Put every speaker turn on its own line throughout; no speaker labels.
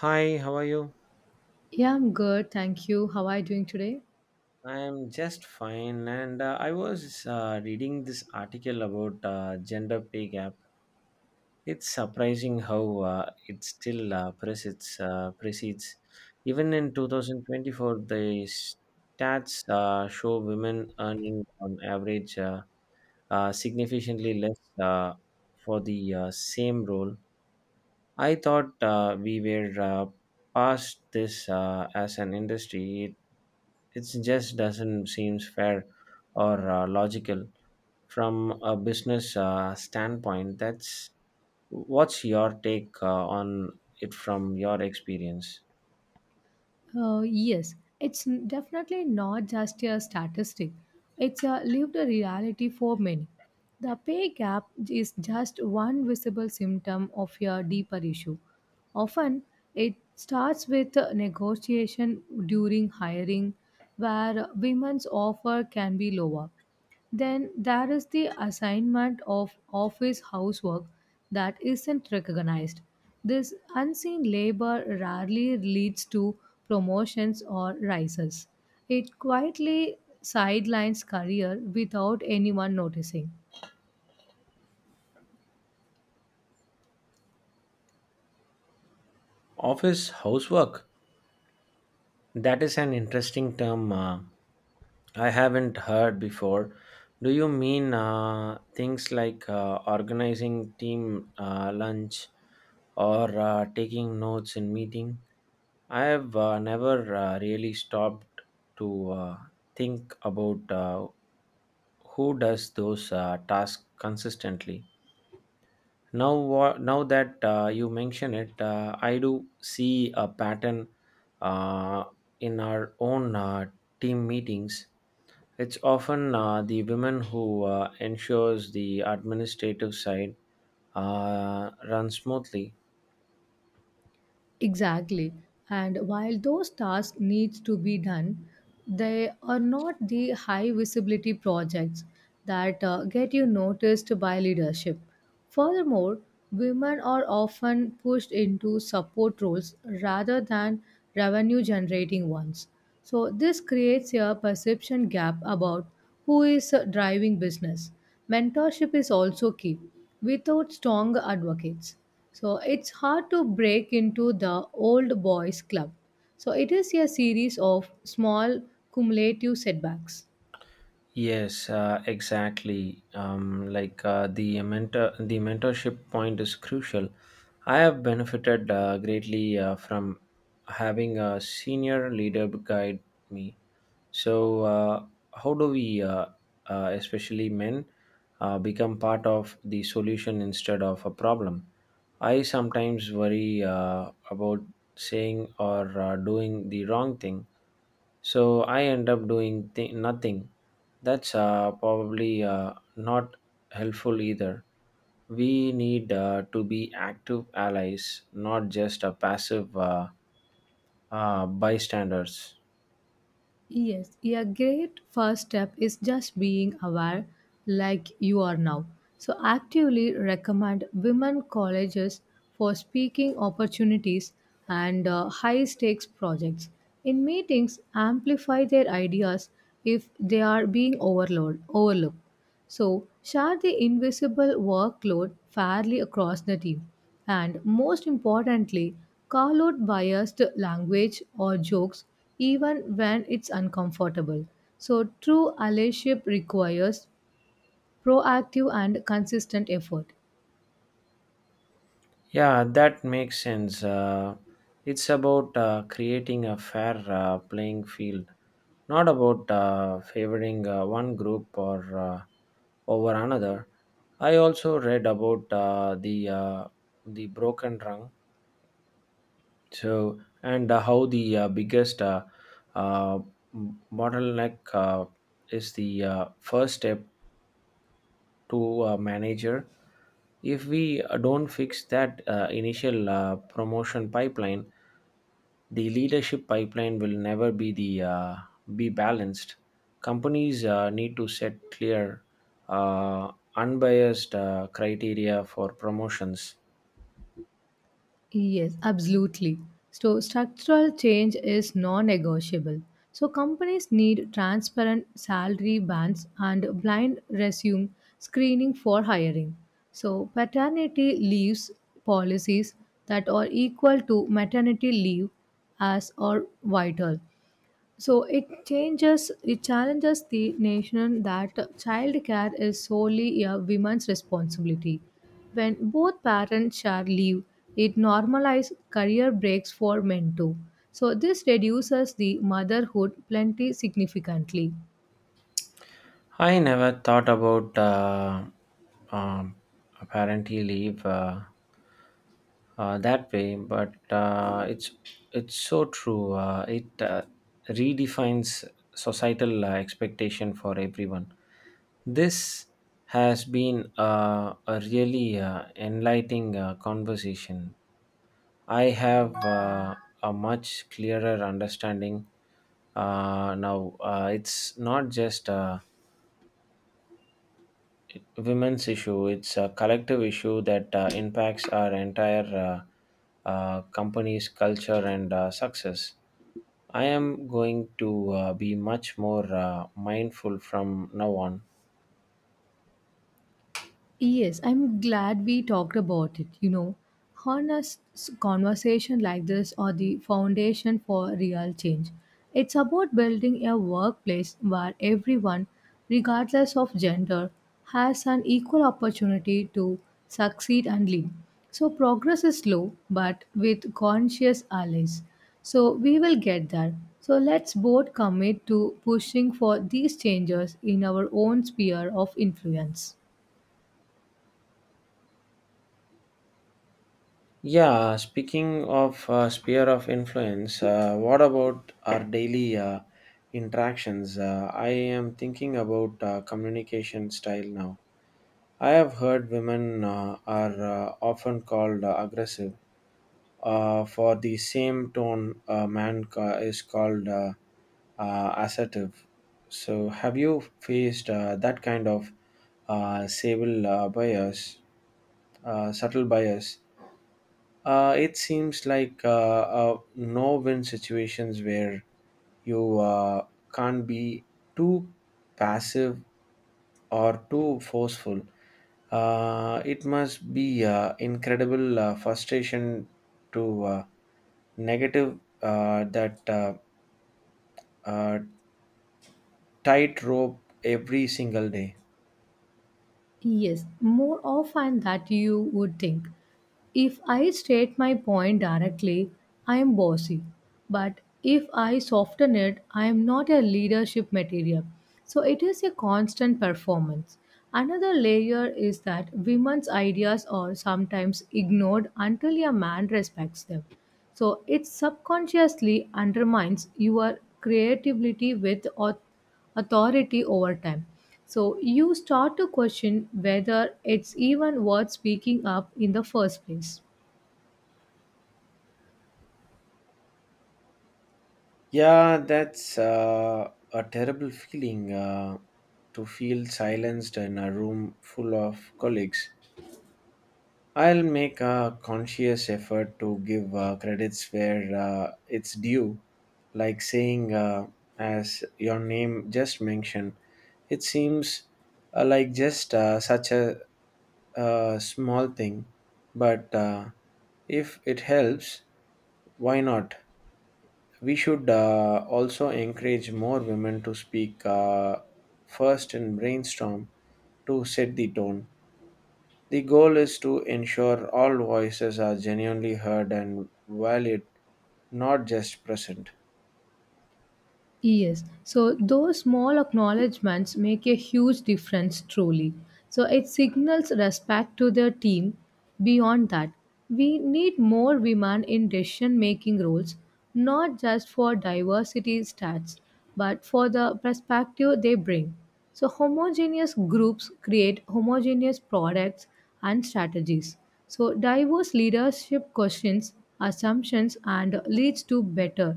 Hi, how are you?
Yeah, I'm good. Thank you. How are you doing today?
I am just fine, and I was reading this article about gender pay gap. It's surprising how it still precedes. Even in 2024, the stats show women earning on average significantly less for the same role. I thought we were past this as an industry. It just doesn't seem fair or logical from a business standpoint. That's What's your take on it from your experience?
Yes, it's definitely not just a statistic, it's a lived reality for many. The pay gap is just one visible symptom of a deeper issue. Often, it starts with a negotiation during hiring, where women's offer can be lower. Then there is the assignment of office housework that isn't recognized. This unseen labor rarely leads to promotions or rises. It quietly sidelines career without anyone noticing.
Office housework. That is an interesting term I haven't heard before. Do you mean things like organizing team lunch or taking notes in meeting? I have never really stopped to think about who does those tasks consistently. Now that you mention it, I do see a pattern uh, in our own team meetings. It's often the women who ensures the administrative side runs smoothly.
Exactly. And while those tasks needs to be done, they are not the high visibility projects that get you noticed by leadership. Furthermore, women are often pushed into support roles rather than revenue generating ones. So this creates a perception gap about who is driving business. Mentorship is also key without strong advocates. So it's hard to break into the old boys club. So it is a series of small cumulative setbacks.
Yes, exactly. Like the mentorship point is crucial. I have benefited greatly from having a senior leader guide me. So, how do we, especially men, become part of the solution instead of a problem? I sometimes worry about saying or doing the wrong thing, so I end up doing nothing. That's probably not helpful either. We need to be active allies, not just a passive bystanders.
Yes, a great first step is just being aware like you are now. So actively recommend women colleges for speaking opportunities and high stakes projects. In meetings, amplify their ideas if they are being overlooked. So, share the invisible workload fairly across the team. And most importantly, call out biased language or jokes even when it's uncomfortable. So, true allyship requires proactive and consistent effort.
Yeah, that makes sense. It's about creating a fair playing field, not about favoring one group or over another. I also read about the broken rung, so and how the biggest uh, bottleneck is the first step to a manager. If we don't fix that initial promotion pipeline, the leadership pipeline will never be the be balanced. Companies need to set clear unbiased criteria for promotions.
Yes, absolutely. So, structural change is non negotiable. So, companies need transparent salary bands and blind resume screening for hiring. So, paternity leaves policies that are equal to maternity leave as are vital. So it challenges the notion that childcare is solely a woman's responsibility. When both parents share leave, it normalizes career breaks for men too. So this reduces the motherhood plenty significantly.
I never thought about um, a parental leave that way, but it's so true. It redefines societal expectation for everyone. This has been a really enlightening conversation. I have a much clearer understanding now. It's not just women's issue. It's a collective issue that impacts our entire company's culture and success. I am going to be much more mindful from now on.
Yes, I'm glad we talked about it. You know, conversation like this are the foundation for real change. It's about building a workplace where everyone, regardless of gender, has an equal opportunity to succeed and lead. So progress is slow, but with conscious allies. So we will get there. So let's both commit to pushing for these changes in our own sphere of influence.
Yeah, speaking of sphere of influence, what about our daily interactions? I am thinking about communication style now. I have heard women are often called aggressive. For the same tone, a man is called assertive. So, have you faced that kind of uh, sable uh, bias, subtle bias? It seems like no-win situations where you can't be too passive or too forceful. It must be incredible frustration to negative that uh, tightrope every single day.
Yes, more often than you would think. If I state my point directly, I am bossy. But if I soften it, I am not a leadership material. So it is a constant performance. Another layer is that women's ideas are sometimes ignored until a man respects them. So it subconsciously undermines your creativity with authority over time. So you start to question whether it's even worth speaking up in the first place.
Yeah, that's a terrible feeling to feel silenced in a room full of colleagues. I'll make a conscious effort to give credits where it's due, like saying, as your name just mentioned, it seems like just such a, small thing, but if it helps, why not? We should also encourage more women to speak first and brainstorm to set the tone. The goal is to ensure all voices are genuinely heard and valued, not just present.
Yes. So those small acknowledgements make a huge difference truly. So it signals respect to the team. Beyond that, we need more women in decision making roles, not just for diversity stats, but for the perspective they bring. So homogeneous groups create homogeneous products and strategies. So diverse leadership questions assumptions and leads to better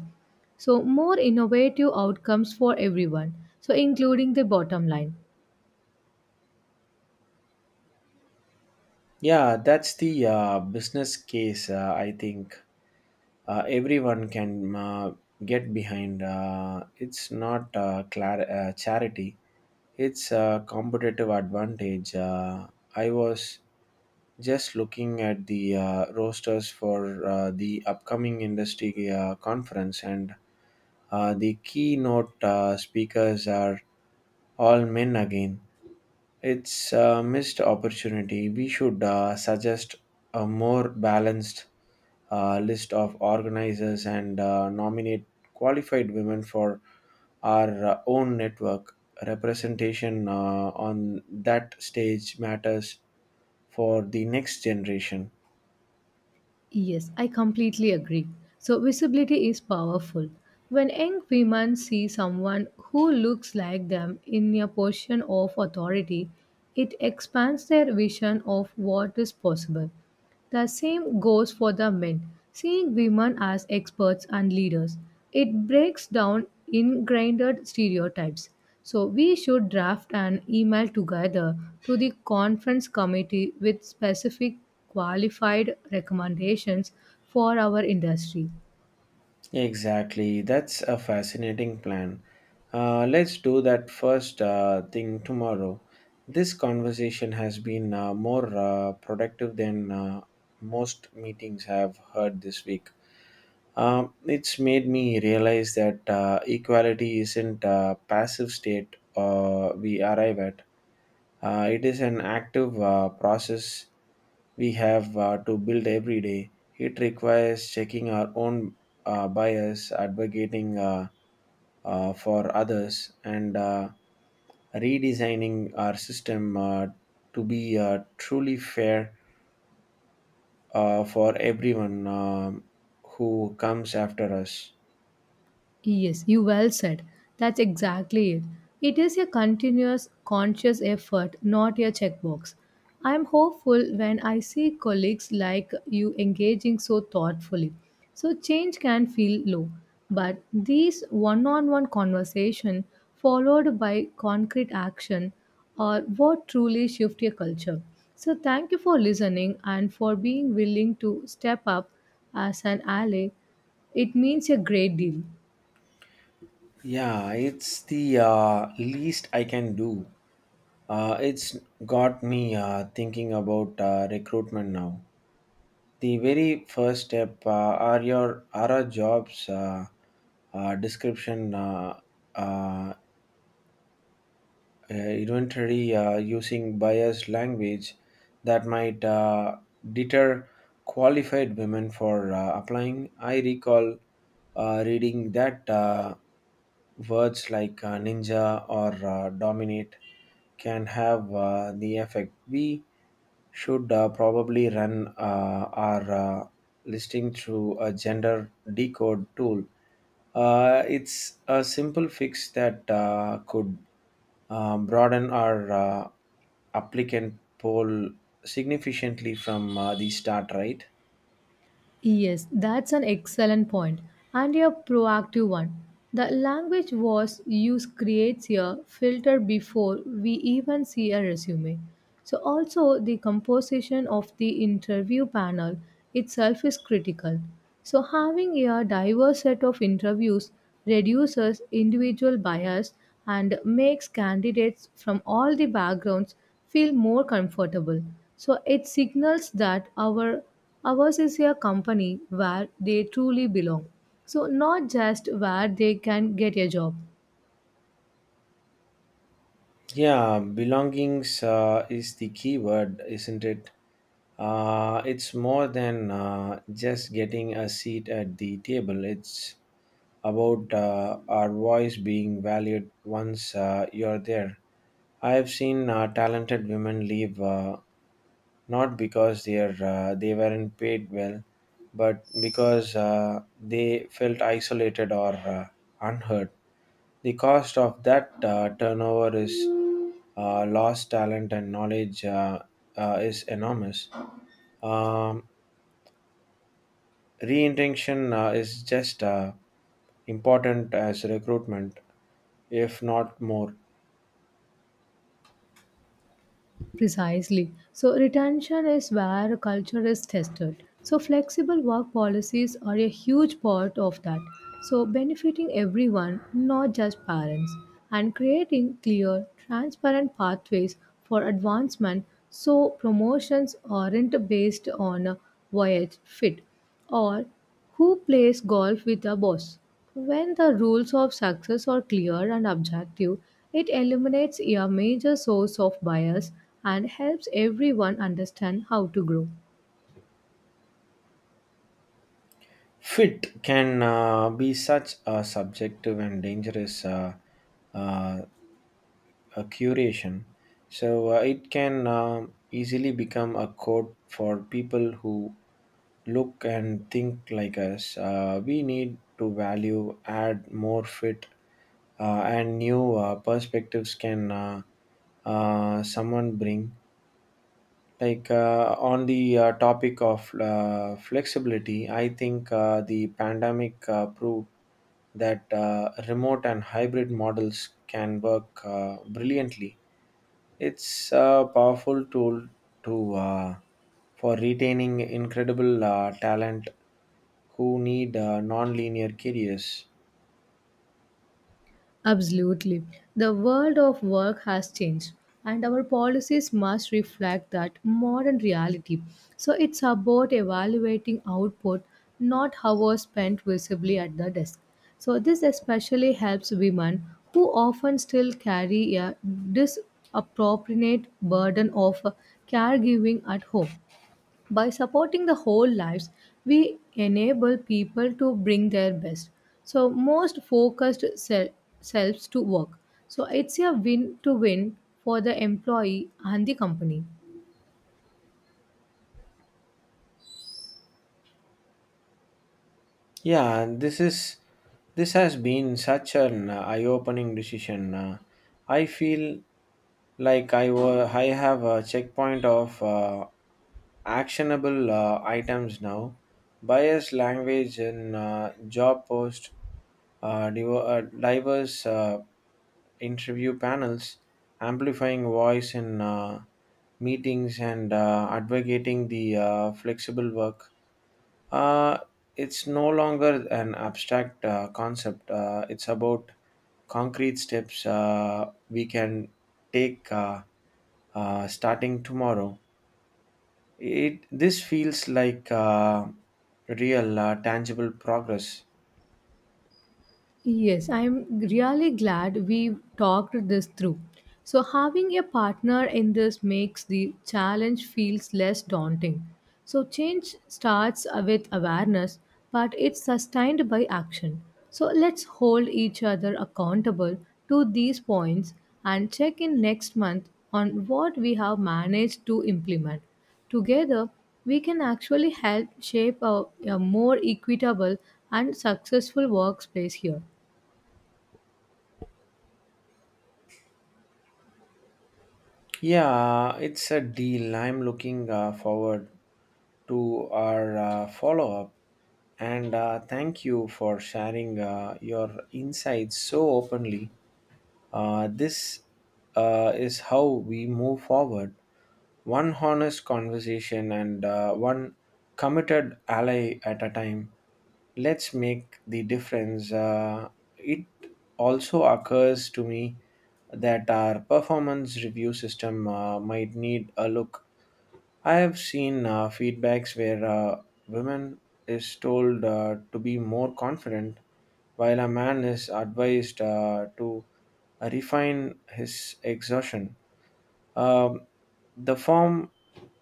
so, more innovative outcomes for everyone, so including the bottom line.
Yeah, that's the business case. I think everyone can get behind. It's not charity; it's a competitive advantage. I was just looking at the rosters for the upcoming industry conference, and the keynote speakers are all men again. It's a missed opportunity. We should suggest a more balanced list of organizers and nominate qualified women for our own network. Representation on that stage matters for the next generation.
Yes, I completely agree. So, visibility is powerful. When young women see someone who looks like them in a position of authority, it expands their vision of what is possible. The same goes for the men. Seeing women as experts and leaders, it breaks down ingrained stereotypes. So we should draft an email together to the conference committee with specific qualified recommendations for our industry.
Exactly, that's a fascinating plan. Let's do that first thing tomorrow. This conversation has been more productive than most meetings have heard this week. It's made me realize that equality isn't a passive state we arrive at. It is an active process we have to build every day. It requires checking our own bias, advocating for others, and redesigning our system to be truly fair for everyone who comes after us.
Yes, you well said. That's exactly it. It is a continuous, conscious effort, not a checkbox. I am hopeful when I see colleagues like you engaging so thoughtfully. So change can feel low, but these one-on-one conversation followed by concrete action are what truly shift a culture. So thank you for listening and for being willing to step up as an ally. It means a great deal.
Yeah, it's the least I can do. It's got me thinking about recruitment now. The very first step are our jobs description uh, uh, inventory using biased language that might deter qualified women for applying. I recall reading that words like ninja or dominate can have the effect. We should probably run our listing through a gender decode tool. It's a simple fix that could broaden our applicant pool significantly from the start, right?
Yes, that's an excellent point and a proactive one. The language was used creates a filter before we even see a resume. So also the composition of the interview panel itself is critical. So having a diverse set of interviews reduces individual bias and makes candidates from all the backgrounds feel more comfortable. So it signals that Ours is a company where they truly belong. So, not just where they can get a job.
Yeah, belongings is the key word, isn't it? It's more than just getting a seat at the table. It's about our voice being valued once you're there. I have seen talented women leave not because they're they weren't paid well, but because they felt isolated or unheard. The cost of that turnover is lost talent and knowledge is enormous. Um, Reintention is just important as recruitment, if not more.
Precisely. So, retention is where culture is tested. So, flexible work policies are a huge part of that. So, benefiting everyone, not just parents, and creating clear, transparent pathways for advancement so promotions aren't based on a voyage fit or who plays golf with a boss. When the rules of success are clear and objective, it eliminates a major source of bias and helps everyone understand how to grow.
Fit can be such a subjective and dangerous uh, curation. So it can easily become a code for people who look and think like us. We need to value, add more fit, and new perspectives can someone bring. Like on the topic of flexibility, I think the pandemic proved that remote and hybrid models can work brilliantly. It's a powerful tool to for retaining incredible talent who need non-linear careers.
Absolutely. The world of work has changed, and our policies must reflect that modern reality. So it's about evaluating output, not hours spent visibly at the desk. So this especially helps women who often still carry a disproportionate burden of caregiving at home. By supporting the whole lives, we enable people to bring their best, so selves to work. So it's a win to win for the employee and the company.
Yeah, and this has been such an eye-opening decision. I feel like I have a checkpoint of actionable items now. Bias language in job post, diverse interview panels, amplifying voice in meetings, and advocating the flexible work. Uh, it's no longer an abstract concept. It's about concrete steps we can take starting tomorrow. It this feels like real, tangible progress.
Yes, I'm really glad we talked this through. So having a partner in this makes the challenge feels less daunting. So change starts with awareness, but it's sustained by action. So let's hold each other accountable to these points and check in next month on what we have managed to implement. Together, we can actually help shape a more equitable and successful workspace here.
Yeah, it's a deal. I'm looking forward to our follow up. And thank you for sharing your insights so openly. This is how we move forward. One honest conversation and one committed ally at a time. Let's make the difference. It also occurs to me that our performance review system might need a look. I have seen feedbacks where women is told to be more confident, while a man is advised to refine his exertion. Um, the form,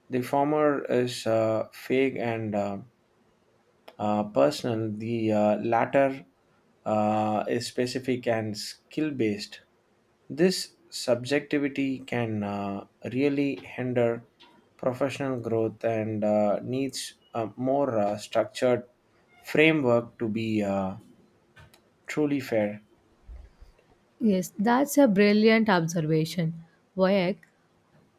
the former is vague and personal, the latter is specific and skill based. This subjectivity can really hinder professional growth and needs a more structured framework to be truly fair.
Yes, that's a brilliant observation. Vivek,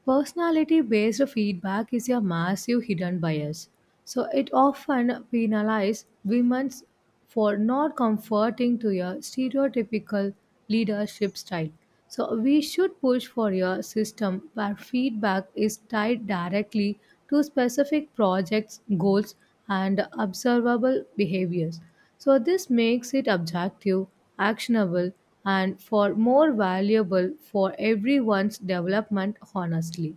personality based feedback is a massive hidden bias. So it often penalizes women for not conforming to a stereotypical leadership style. So we should push for a system where feedback is tied directly to specific projects, goals, and observable behaviors. So, this makes it objective, actionable, and for more valuable for everyone's development honestly.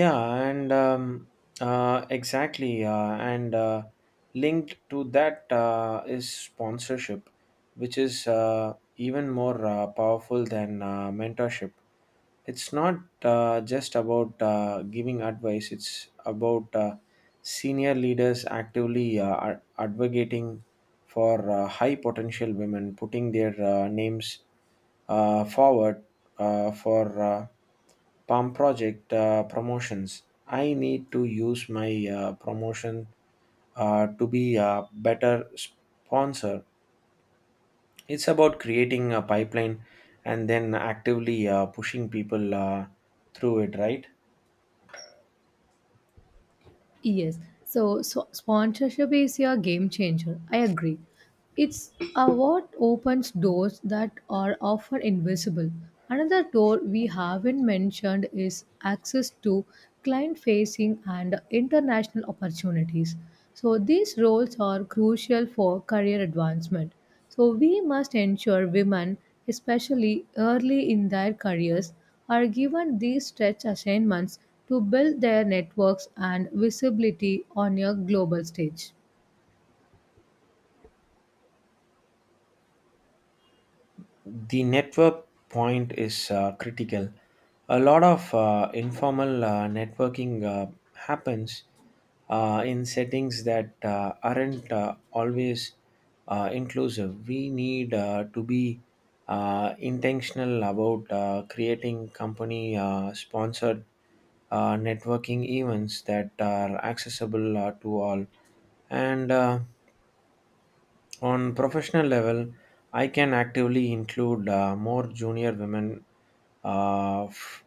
Yeah, and exactly, and linked to that is sponsorship, which is even more powerful than mentorship. It's not just about giving advice; it's about senior leaders actively advocating for high potential women, putting their names forward for. Palm Project promotions. I need to use my promotion to be a better sponsor. It's about creating a pipeline and then actively pushing people through it, right?
Yes. So sponsorship is a game changer. I agree. It's a what opens doors that are often invisible. Another door we haven't mentioned is access to client facing and international opportunities. So these roles are crucial for career advancement. So we must ensure women, especially early in their careers, are given these stretch assignments to build their networks and visibility on a global stage.
The network point is critical. A lot of informal networking happens in settings that aren't always inclusive. We need to be intentional about creating company sponsored networking events that are accessible to all. And on professional level, I can actively include more junior women uh, f-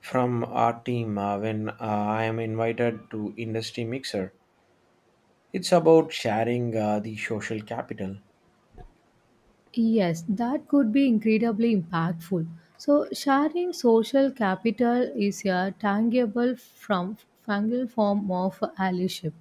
from our team when I am invited to industry mixer. It's about sharing the social capital,
Yes, that could be incredibly impactful. So, sharing social capital is a tangible form of allyship.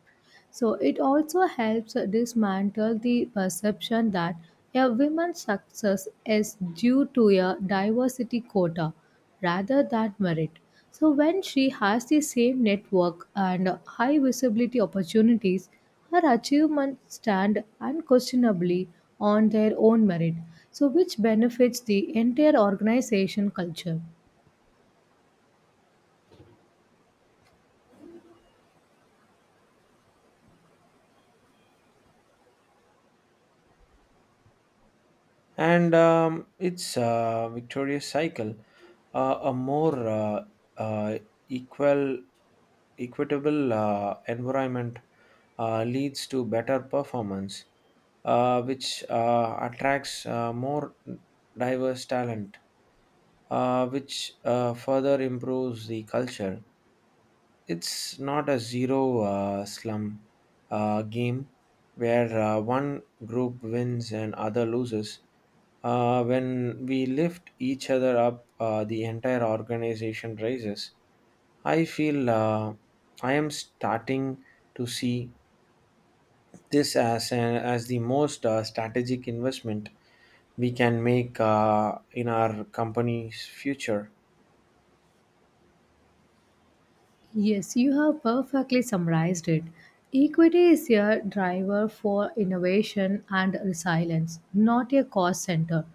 So it also helps dismantle the perception that a woman's success is due to a diversity quota rather than merit. So when she has the same network and high visibility opportunities, her achievements stand unquestionably on their own merit, so which benefits the entire organization culture.
and it's a victorious cycle, a more uh, equal, equitable environment leads to better performance which attracts more diverse talent, which further improves the culture. It's not a zero slum game where one group wins and other loses. When we lift each other up, the entire organization rises. I feel I am starting to see this as as the most strategic investment we can make in our company's future.
Yes, you have perfectly summarized it. Equity is a driver for innovation and resilience, not a cost center.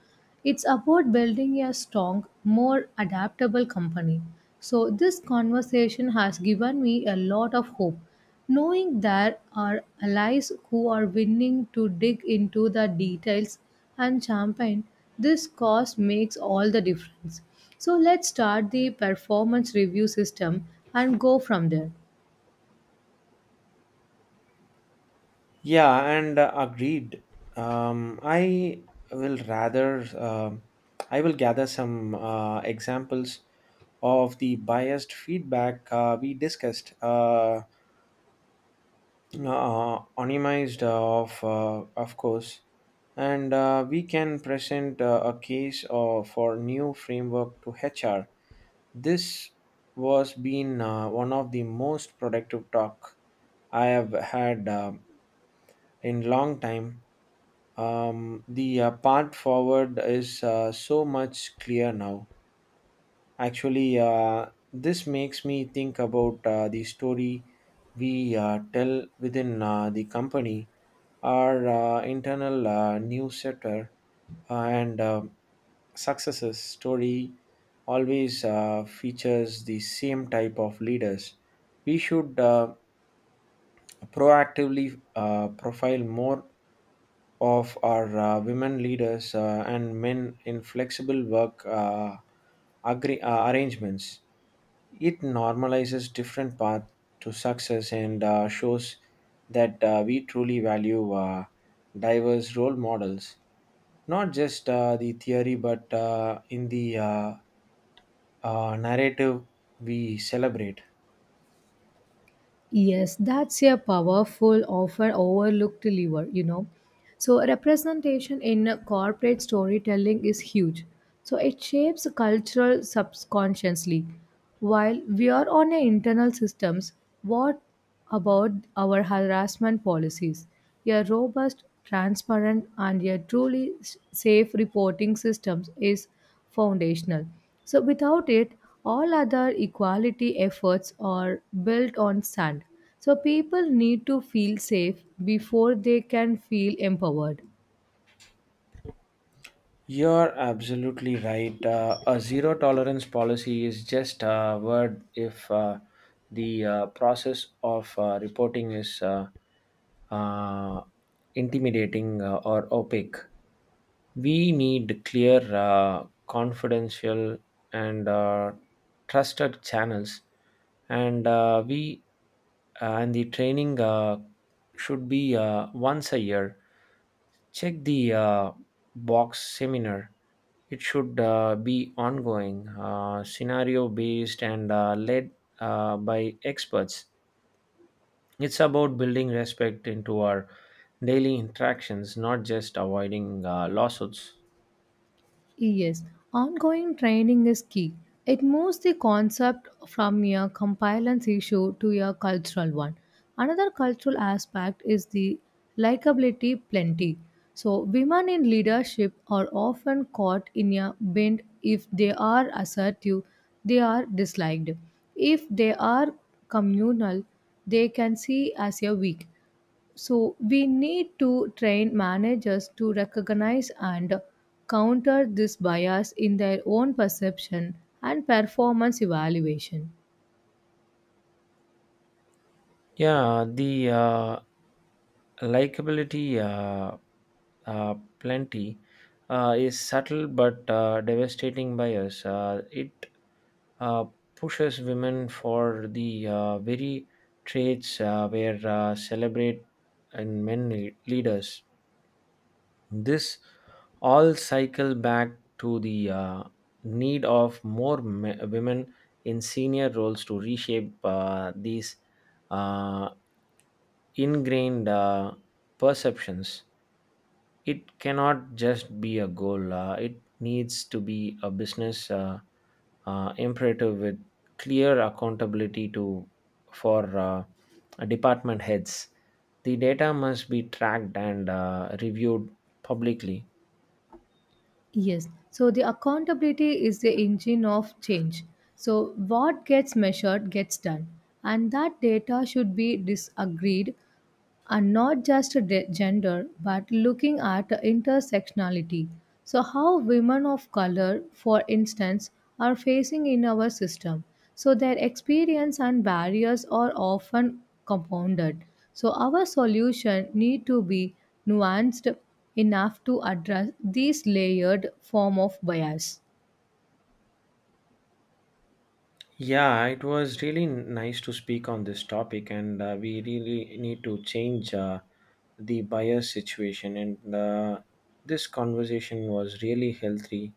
It's about building a strong, more adaptable company. So, this conversation has given me a lot of hope, knowing there are allies who are willing to dig into the details and champagne. This cause makes all the difference. So let's start the performance review system and go from there.
Yeah, and agreed. Um, I um, I will gather some examples of the biased feedback we discussed, anonymized of course, and we can present a case for new framework to HR. This Was been one of the most productive talk I have had in long time. The path forward is so much clear now. Actually, this makes me think about the story we tell within the company, our internal newsletter, and successes story always features the same type of leaders. We should proactively profile more of our women leaders and men in flexible work arrangements. It normalizes different paths to success and shows that we truly value diverse role models, not just the theory, but in the narrative we celebrate.
Yes, that's a powerful, often overlooked lever, you know. So, representation in corporate storytelling is huge. So, it shapes culture subconsciously. While we are on a internal systems, what about our harassment policies. A robust, transparent, and a safe reporting system is foundational. So, without it, all other equality efforts are built on sand. So, people need to feel safe before they can feel empowered.
You're absolutely right. A zero tolerance policy is just a word if the process of reporting is uh, intimidating or opaque. We need clear, confidential, and trusted channels, and we and the training should be once a year. Check the box seminar. It should be ongoing, scenario based, and led by experts. It's about building respect into our daily interactions, not just avoiding lawsuits.
Yes, ongoing training is key. It moves the concept from a compliance issue to a cultural one. Another cultural aspect is the likability plenty. So, women in leadership are often caught in a bend if they are assertive, they are disliked. If they are communal, they can see as a weak. So we need to train managers to recognize and counter this bias in their own perception and performance evaluation.
Yeah, the likability plenty is subtle but devastating bias. It uh, pushes women for the very traits where celebrate in men leaders. This all cycle back to the need of more women in senior roles to reshape these uh, ingrained perceptions. It cannot just be a goal. It needs to be a business imperative with clear accountability to for department heads. The data must be tracked and reviewed publicly.
Yes, so the accountability is the engine of change. So what gets measured gets done, and that data should be disagreed and not just gender but looking at intersectionality so how women of color for instance are facing in our system so their experience and barriers are often compounded so our solution need to be nuanced enough to address these layered form of bias
Yeah, it was really nice to speak on this topic, and we really need to change the bias situation. And this conversation was really healthy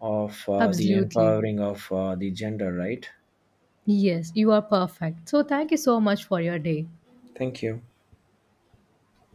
of the
absolutely
empowering of the gender, right?
yes you are perfect so thank you so much for your day
Thank you.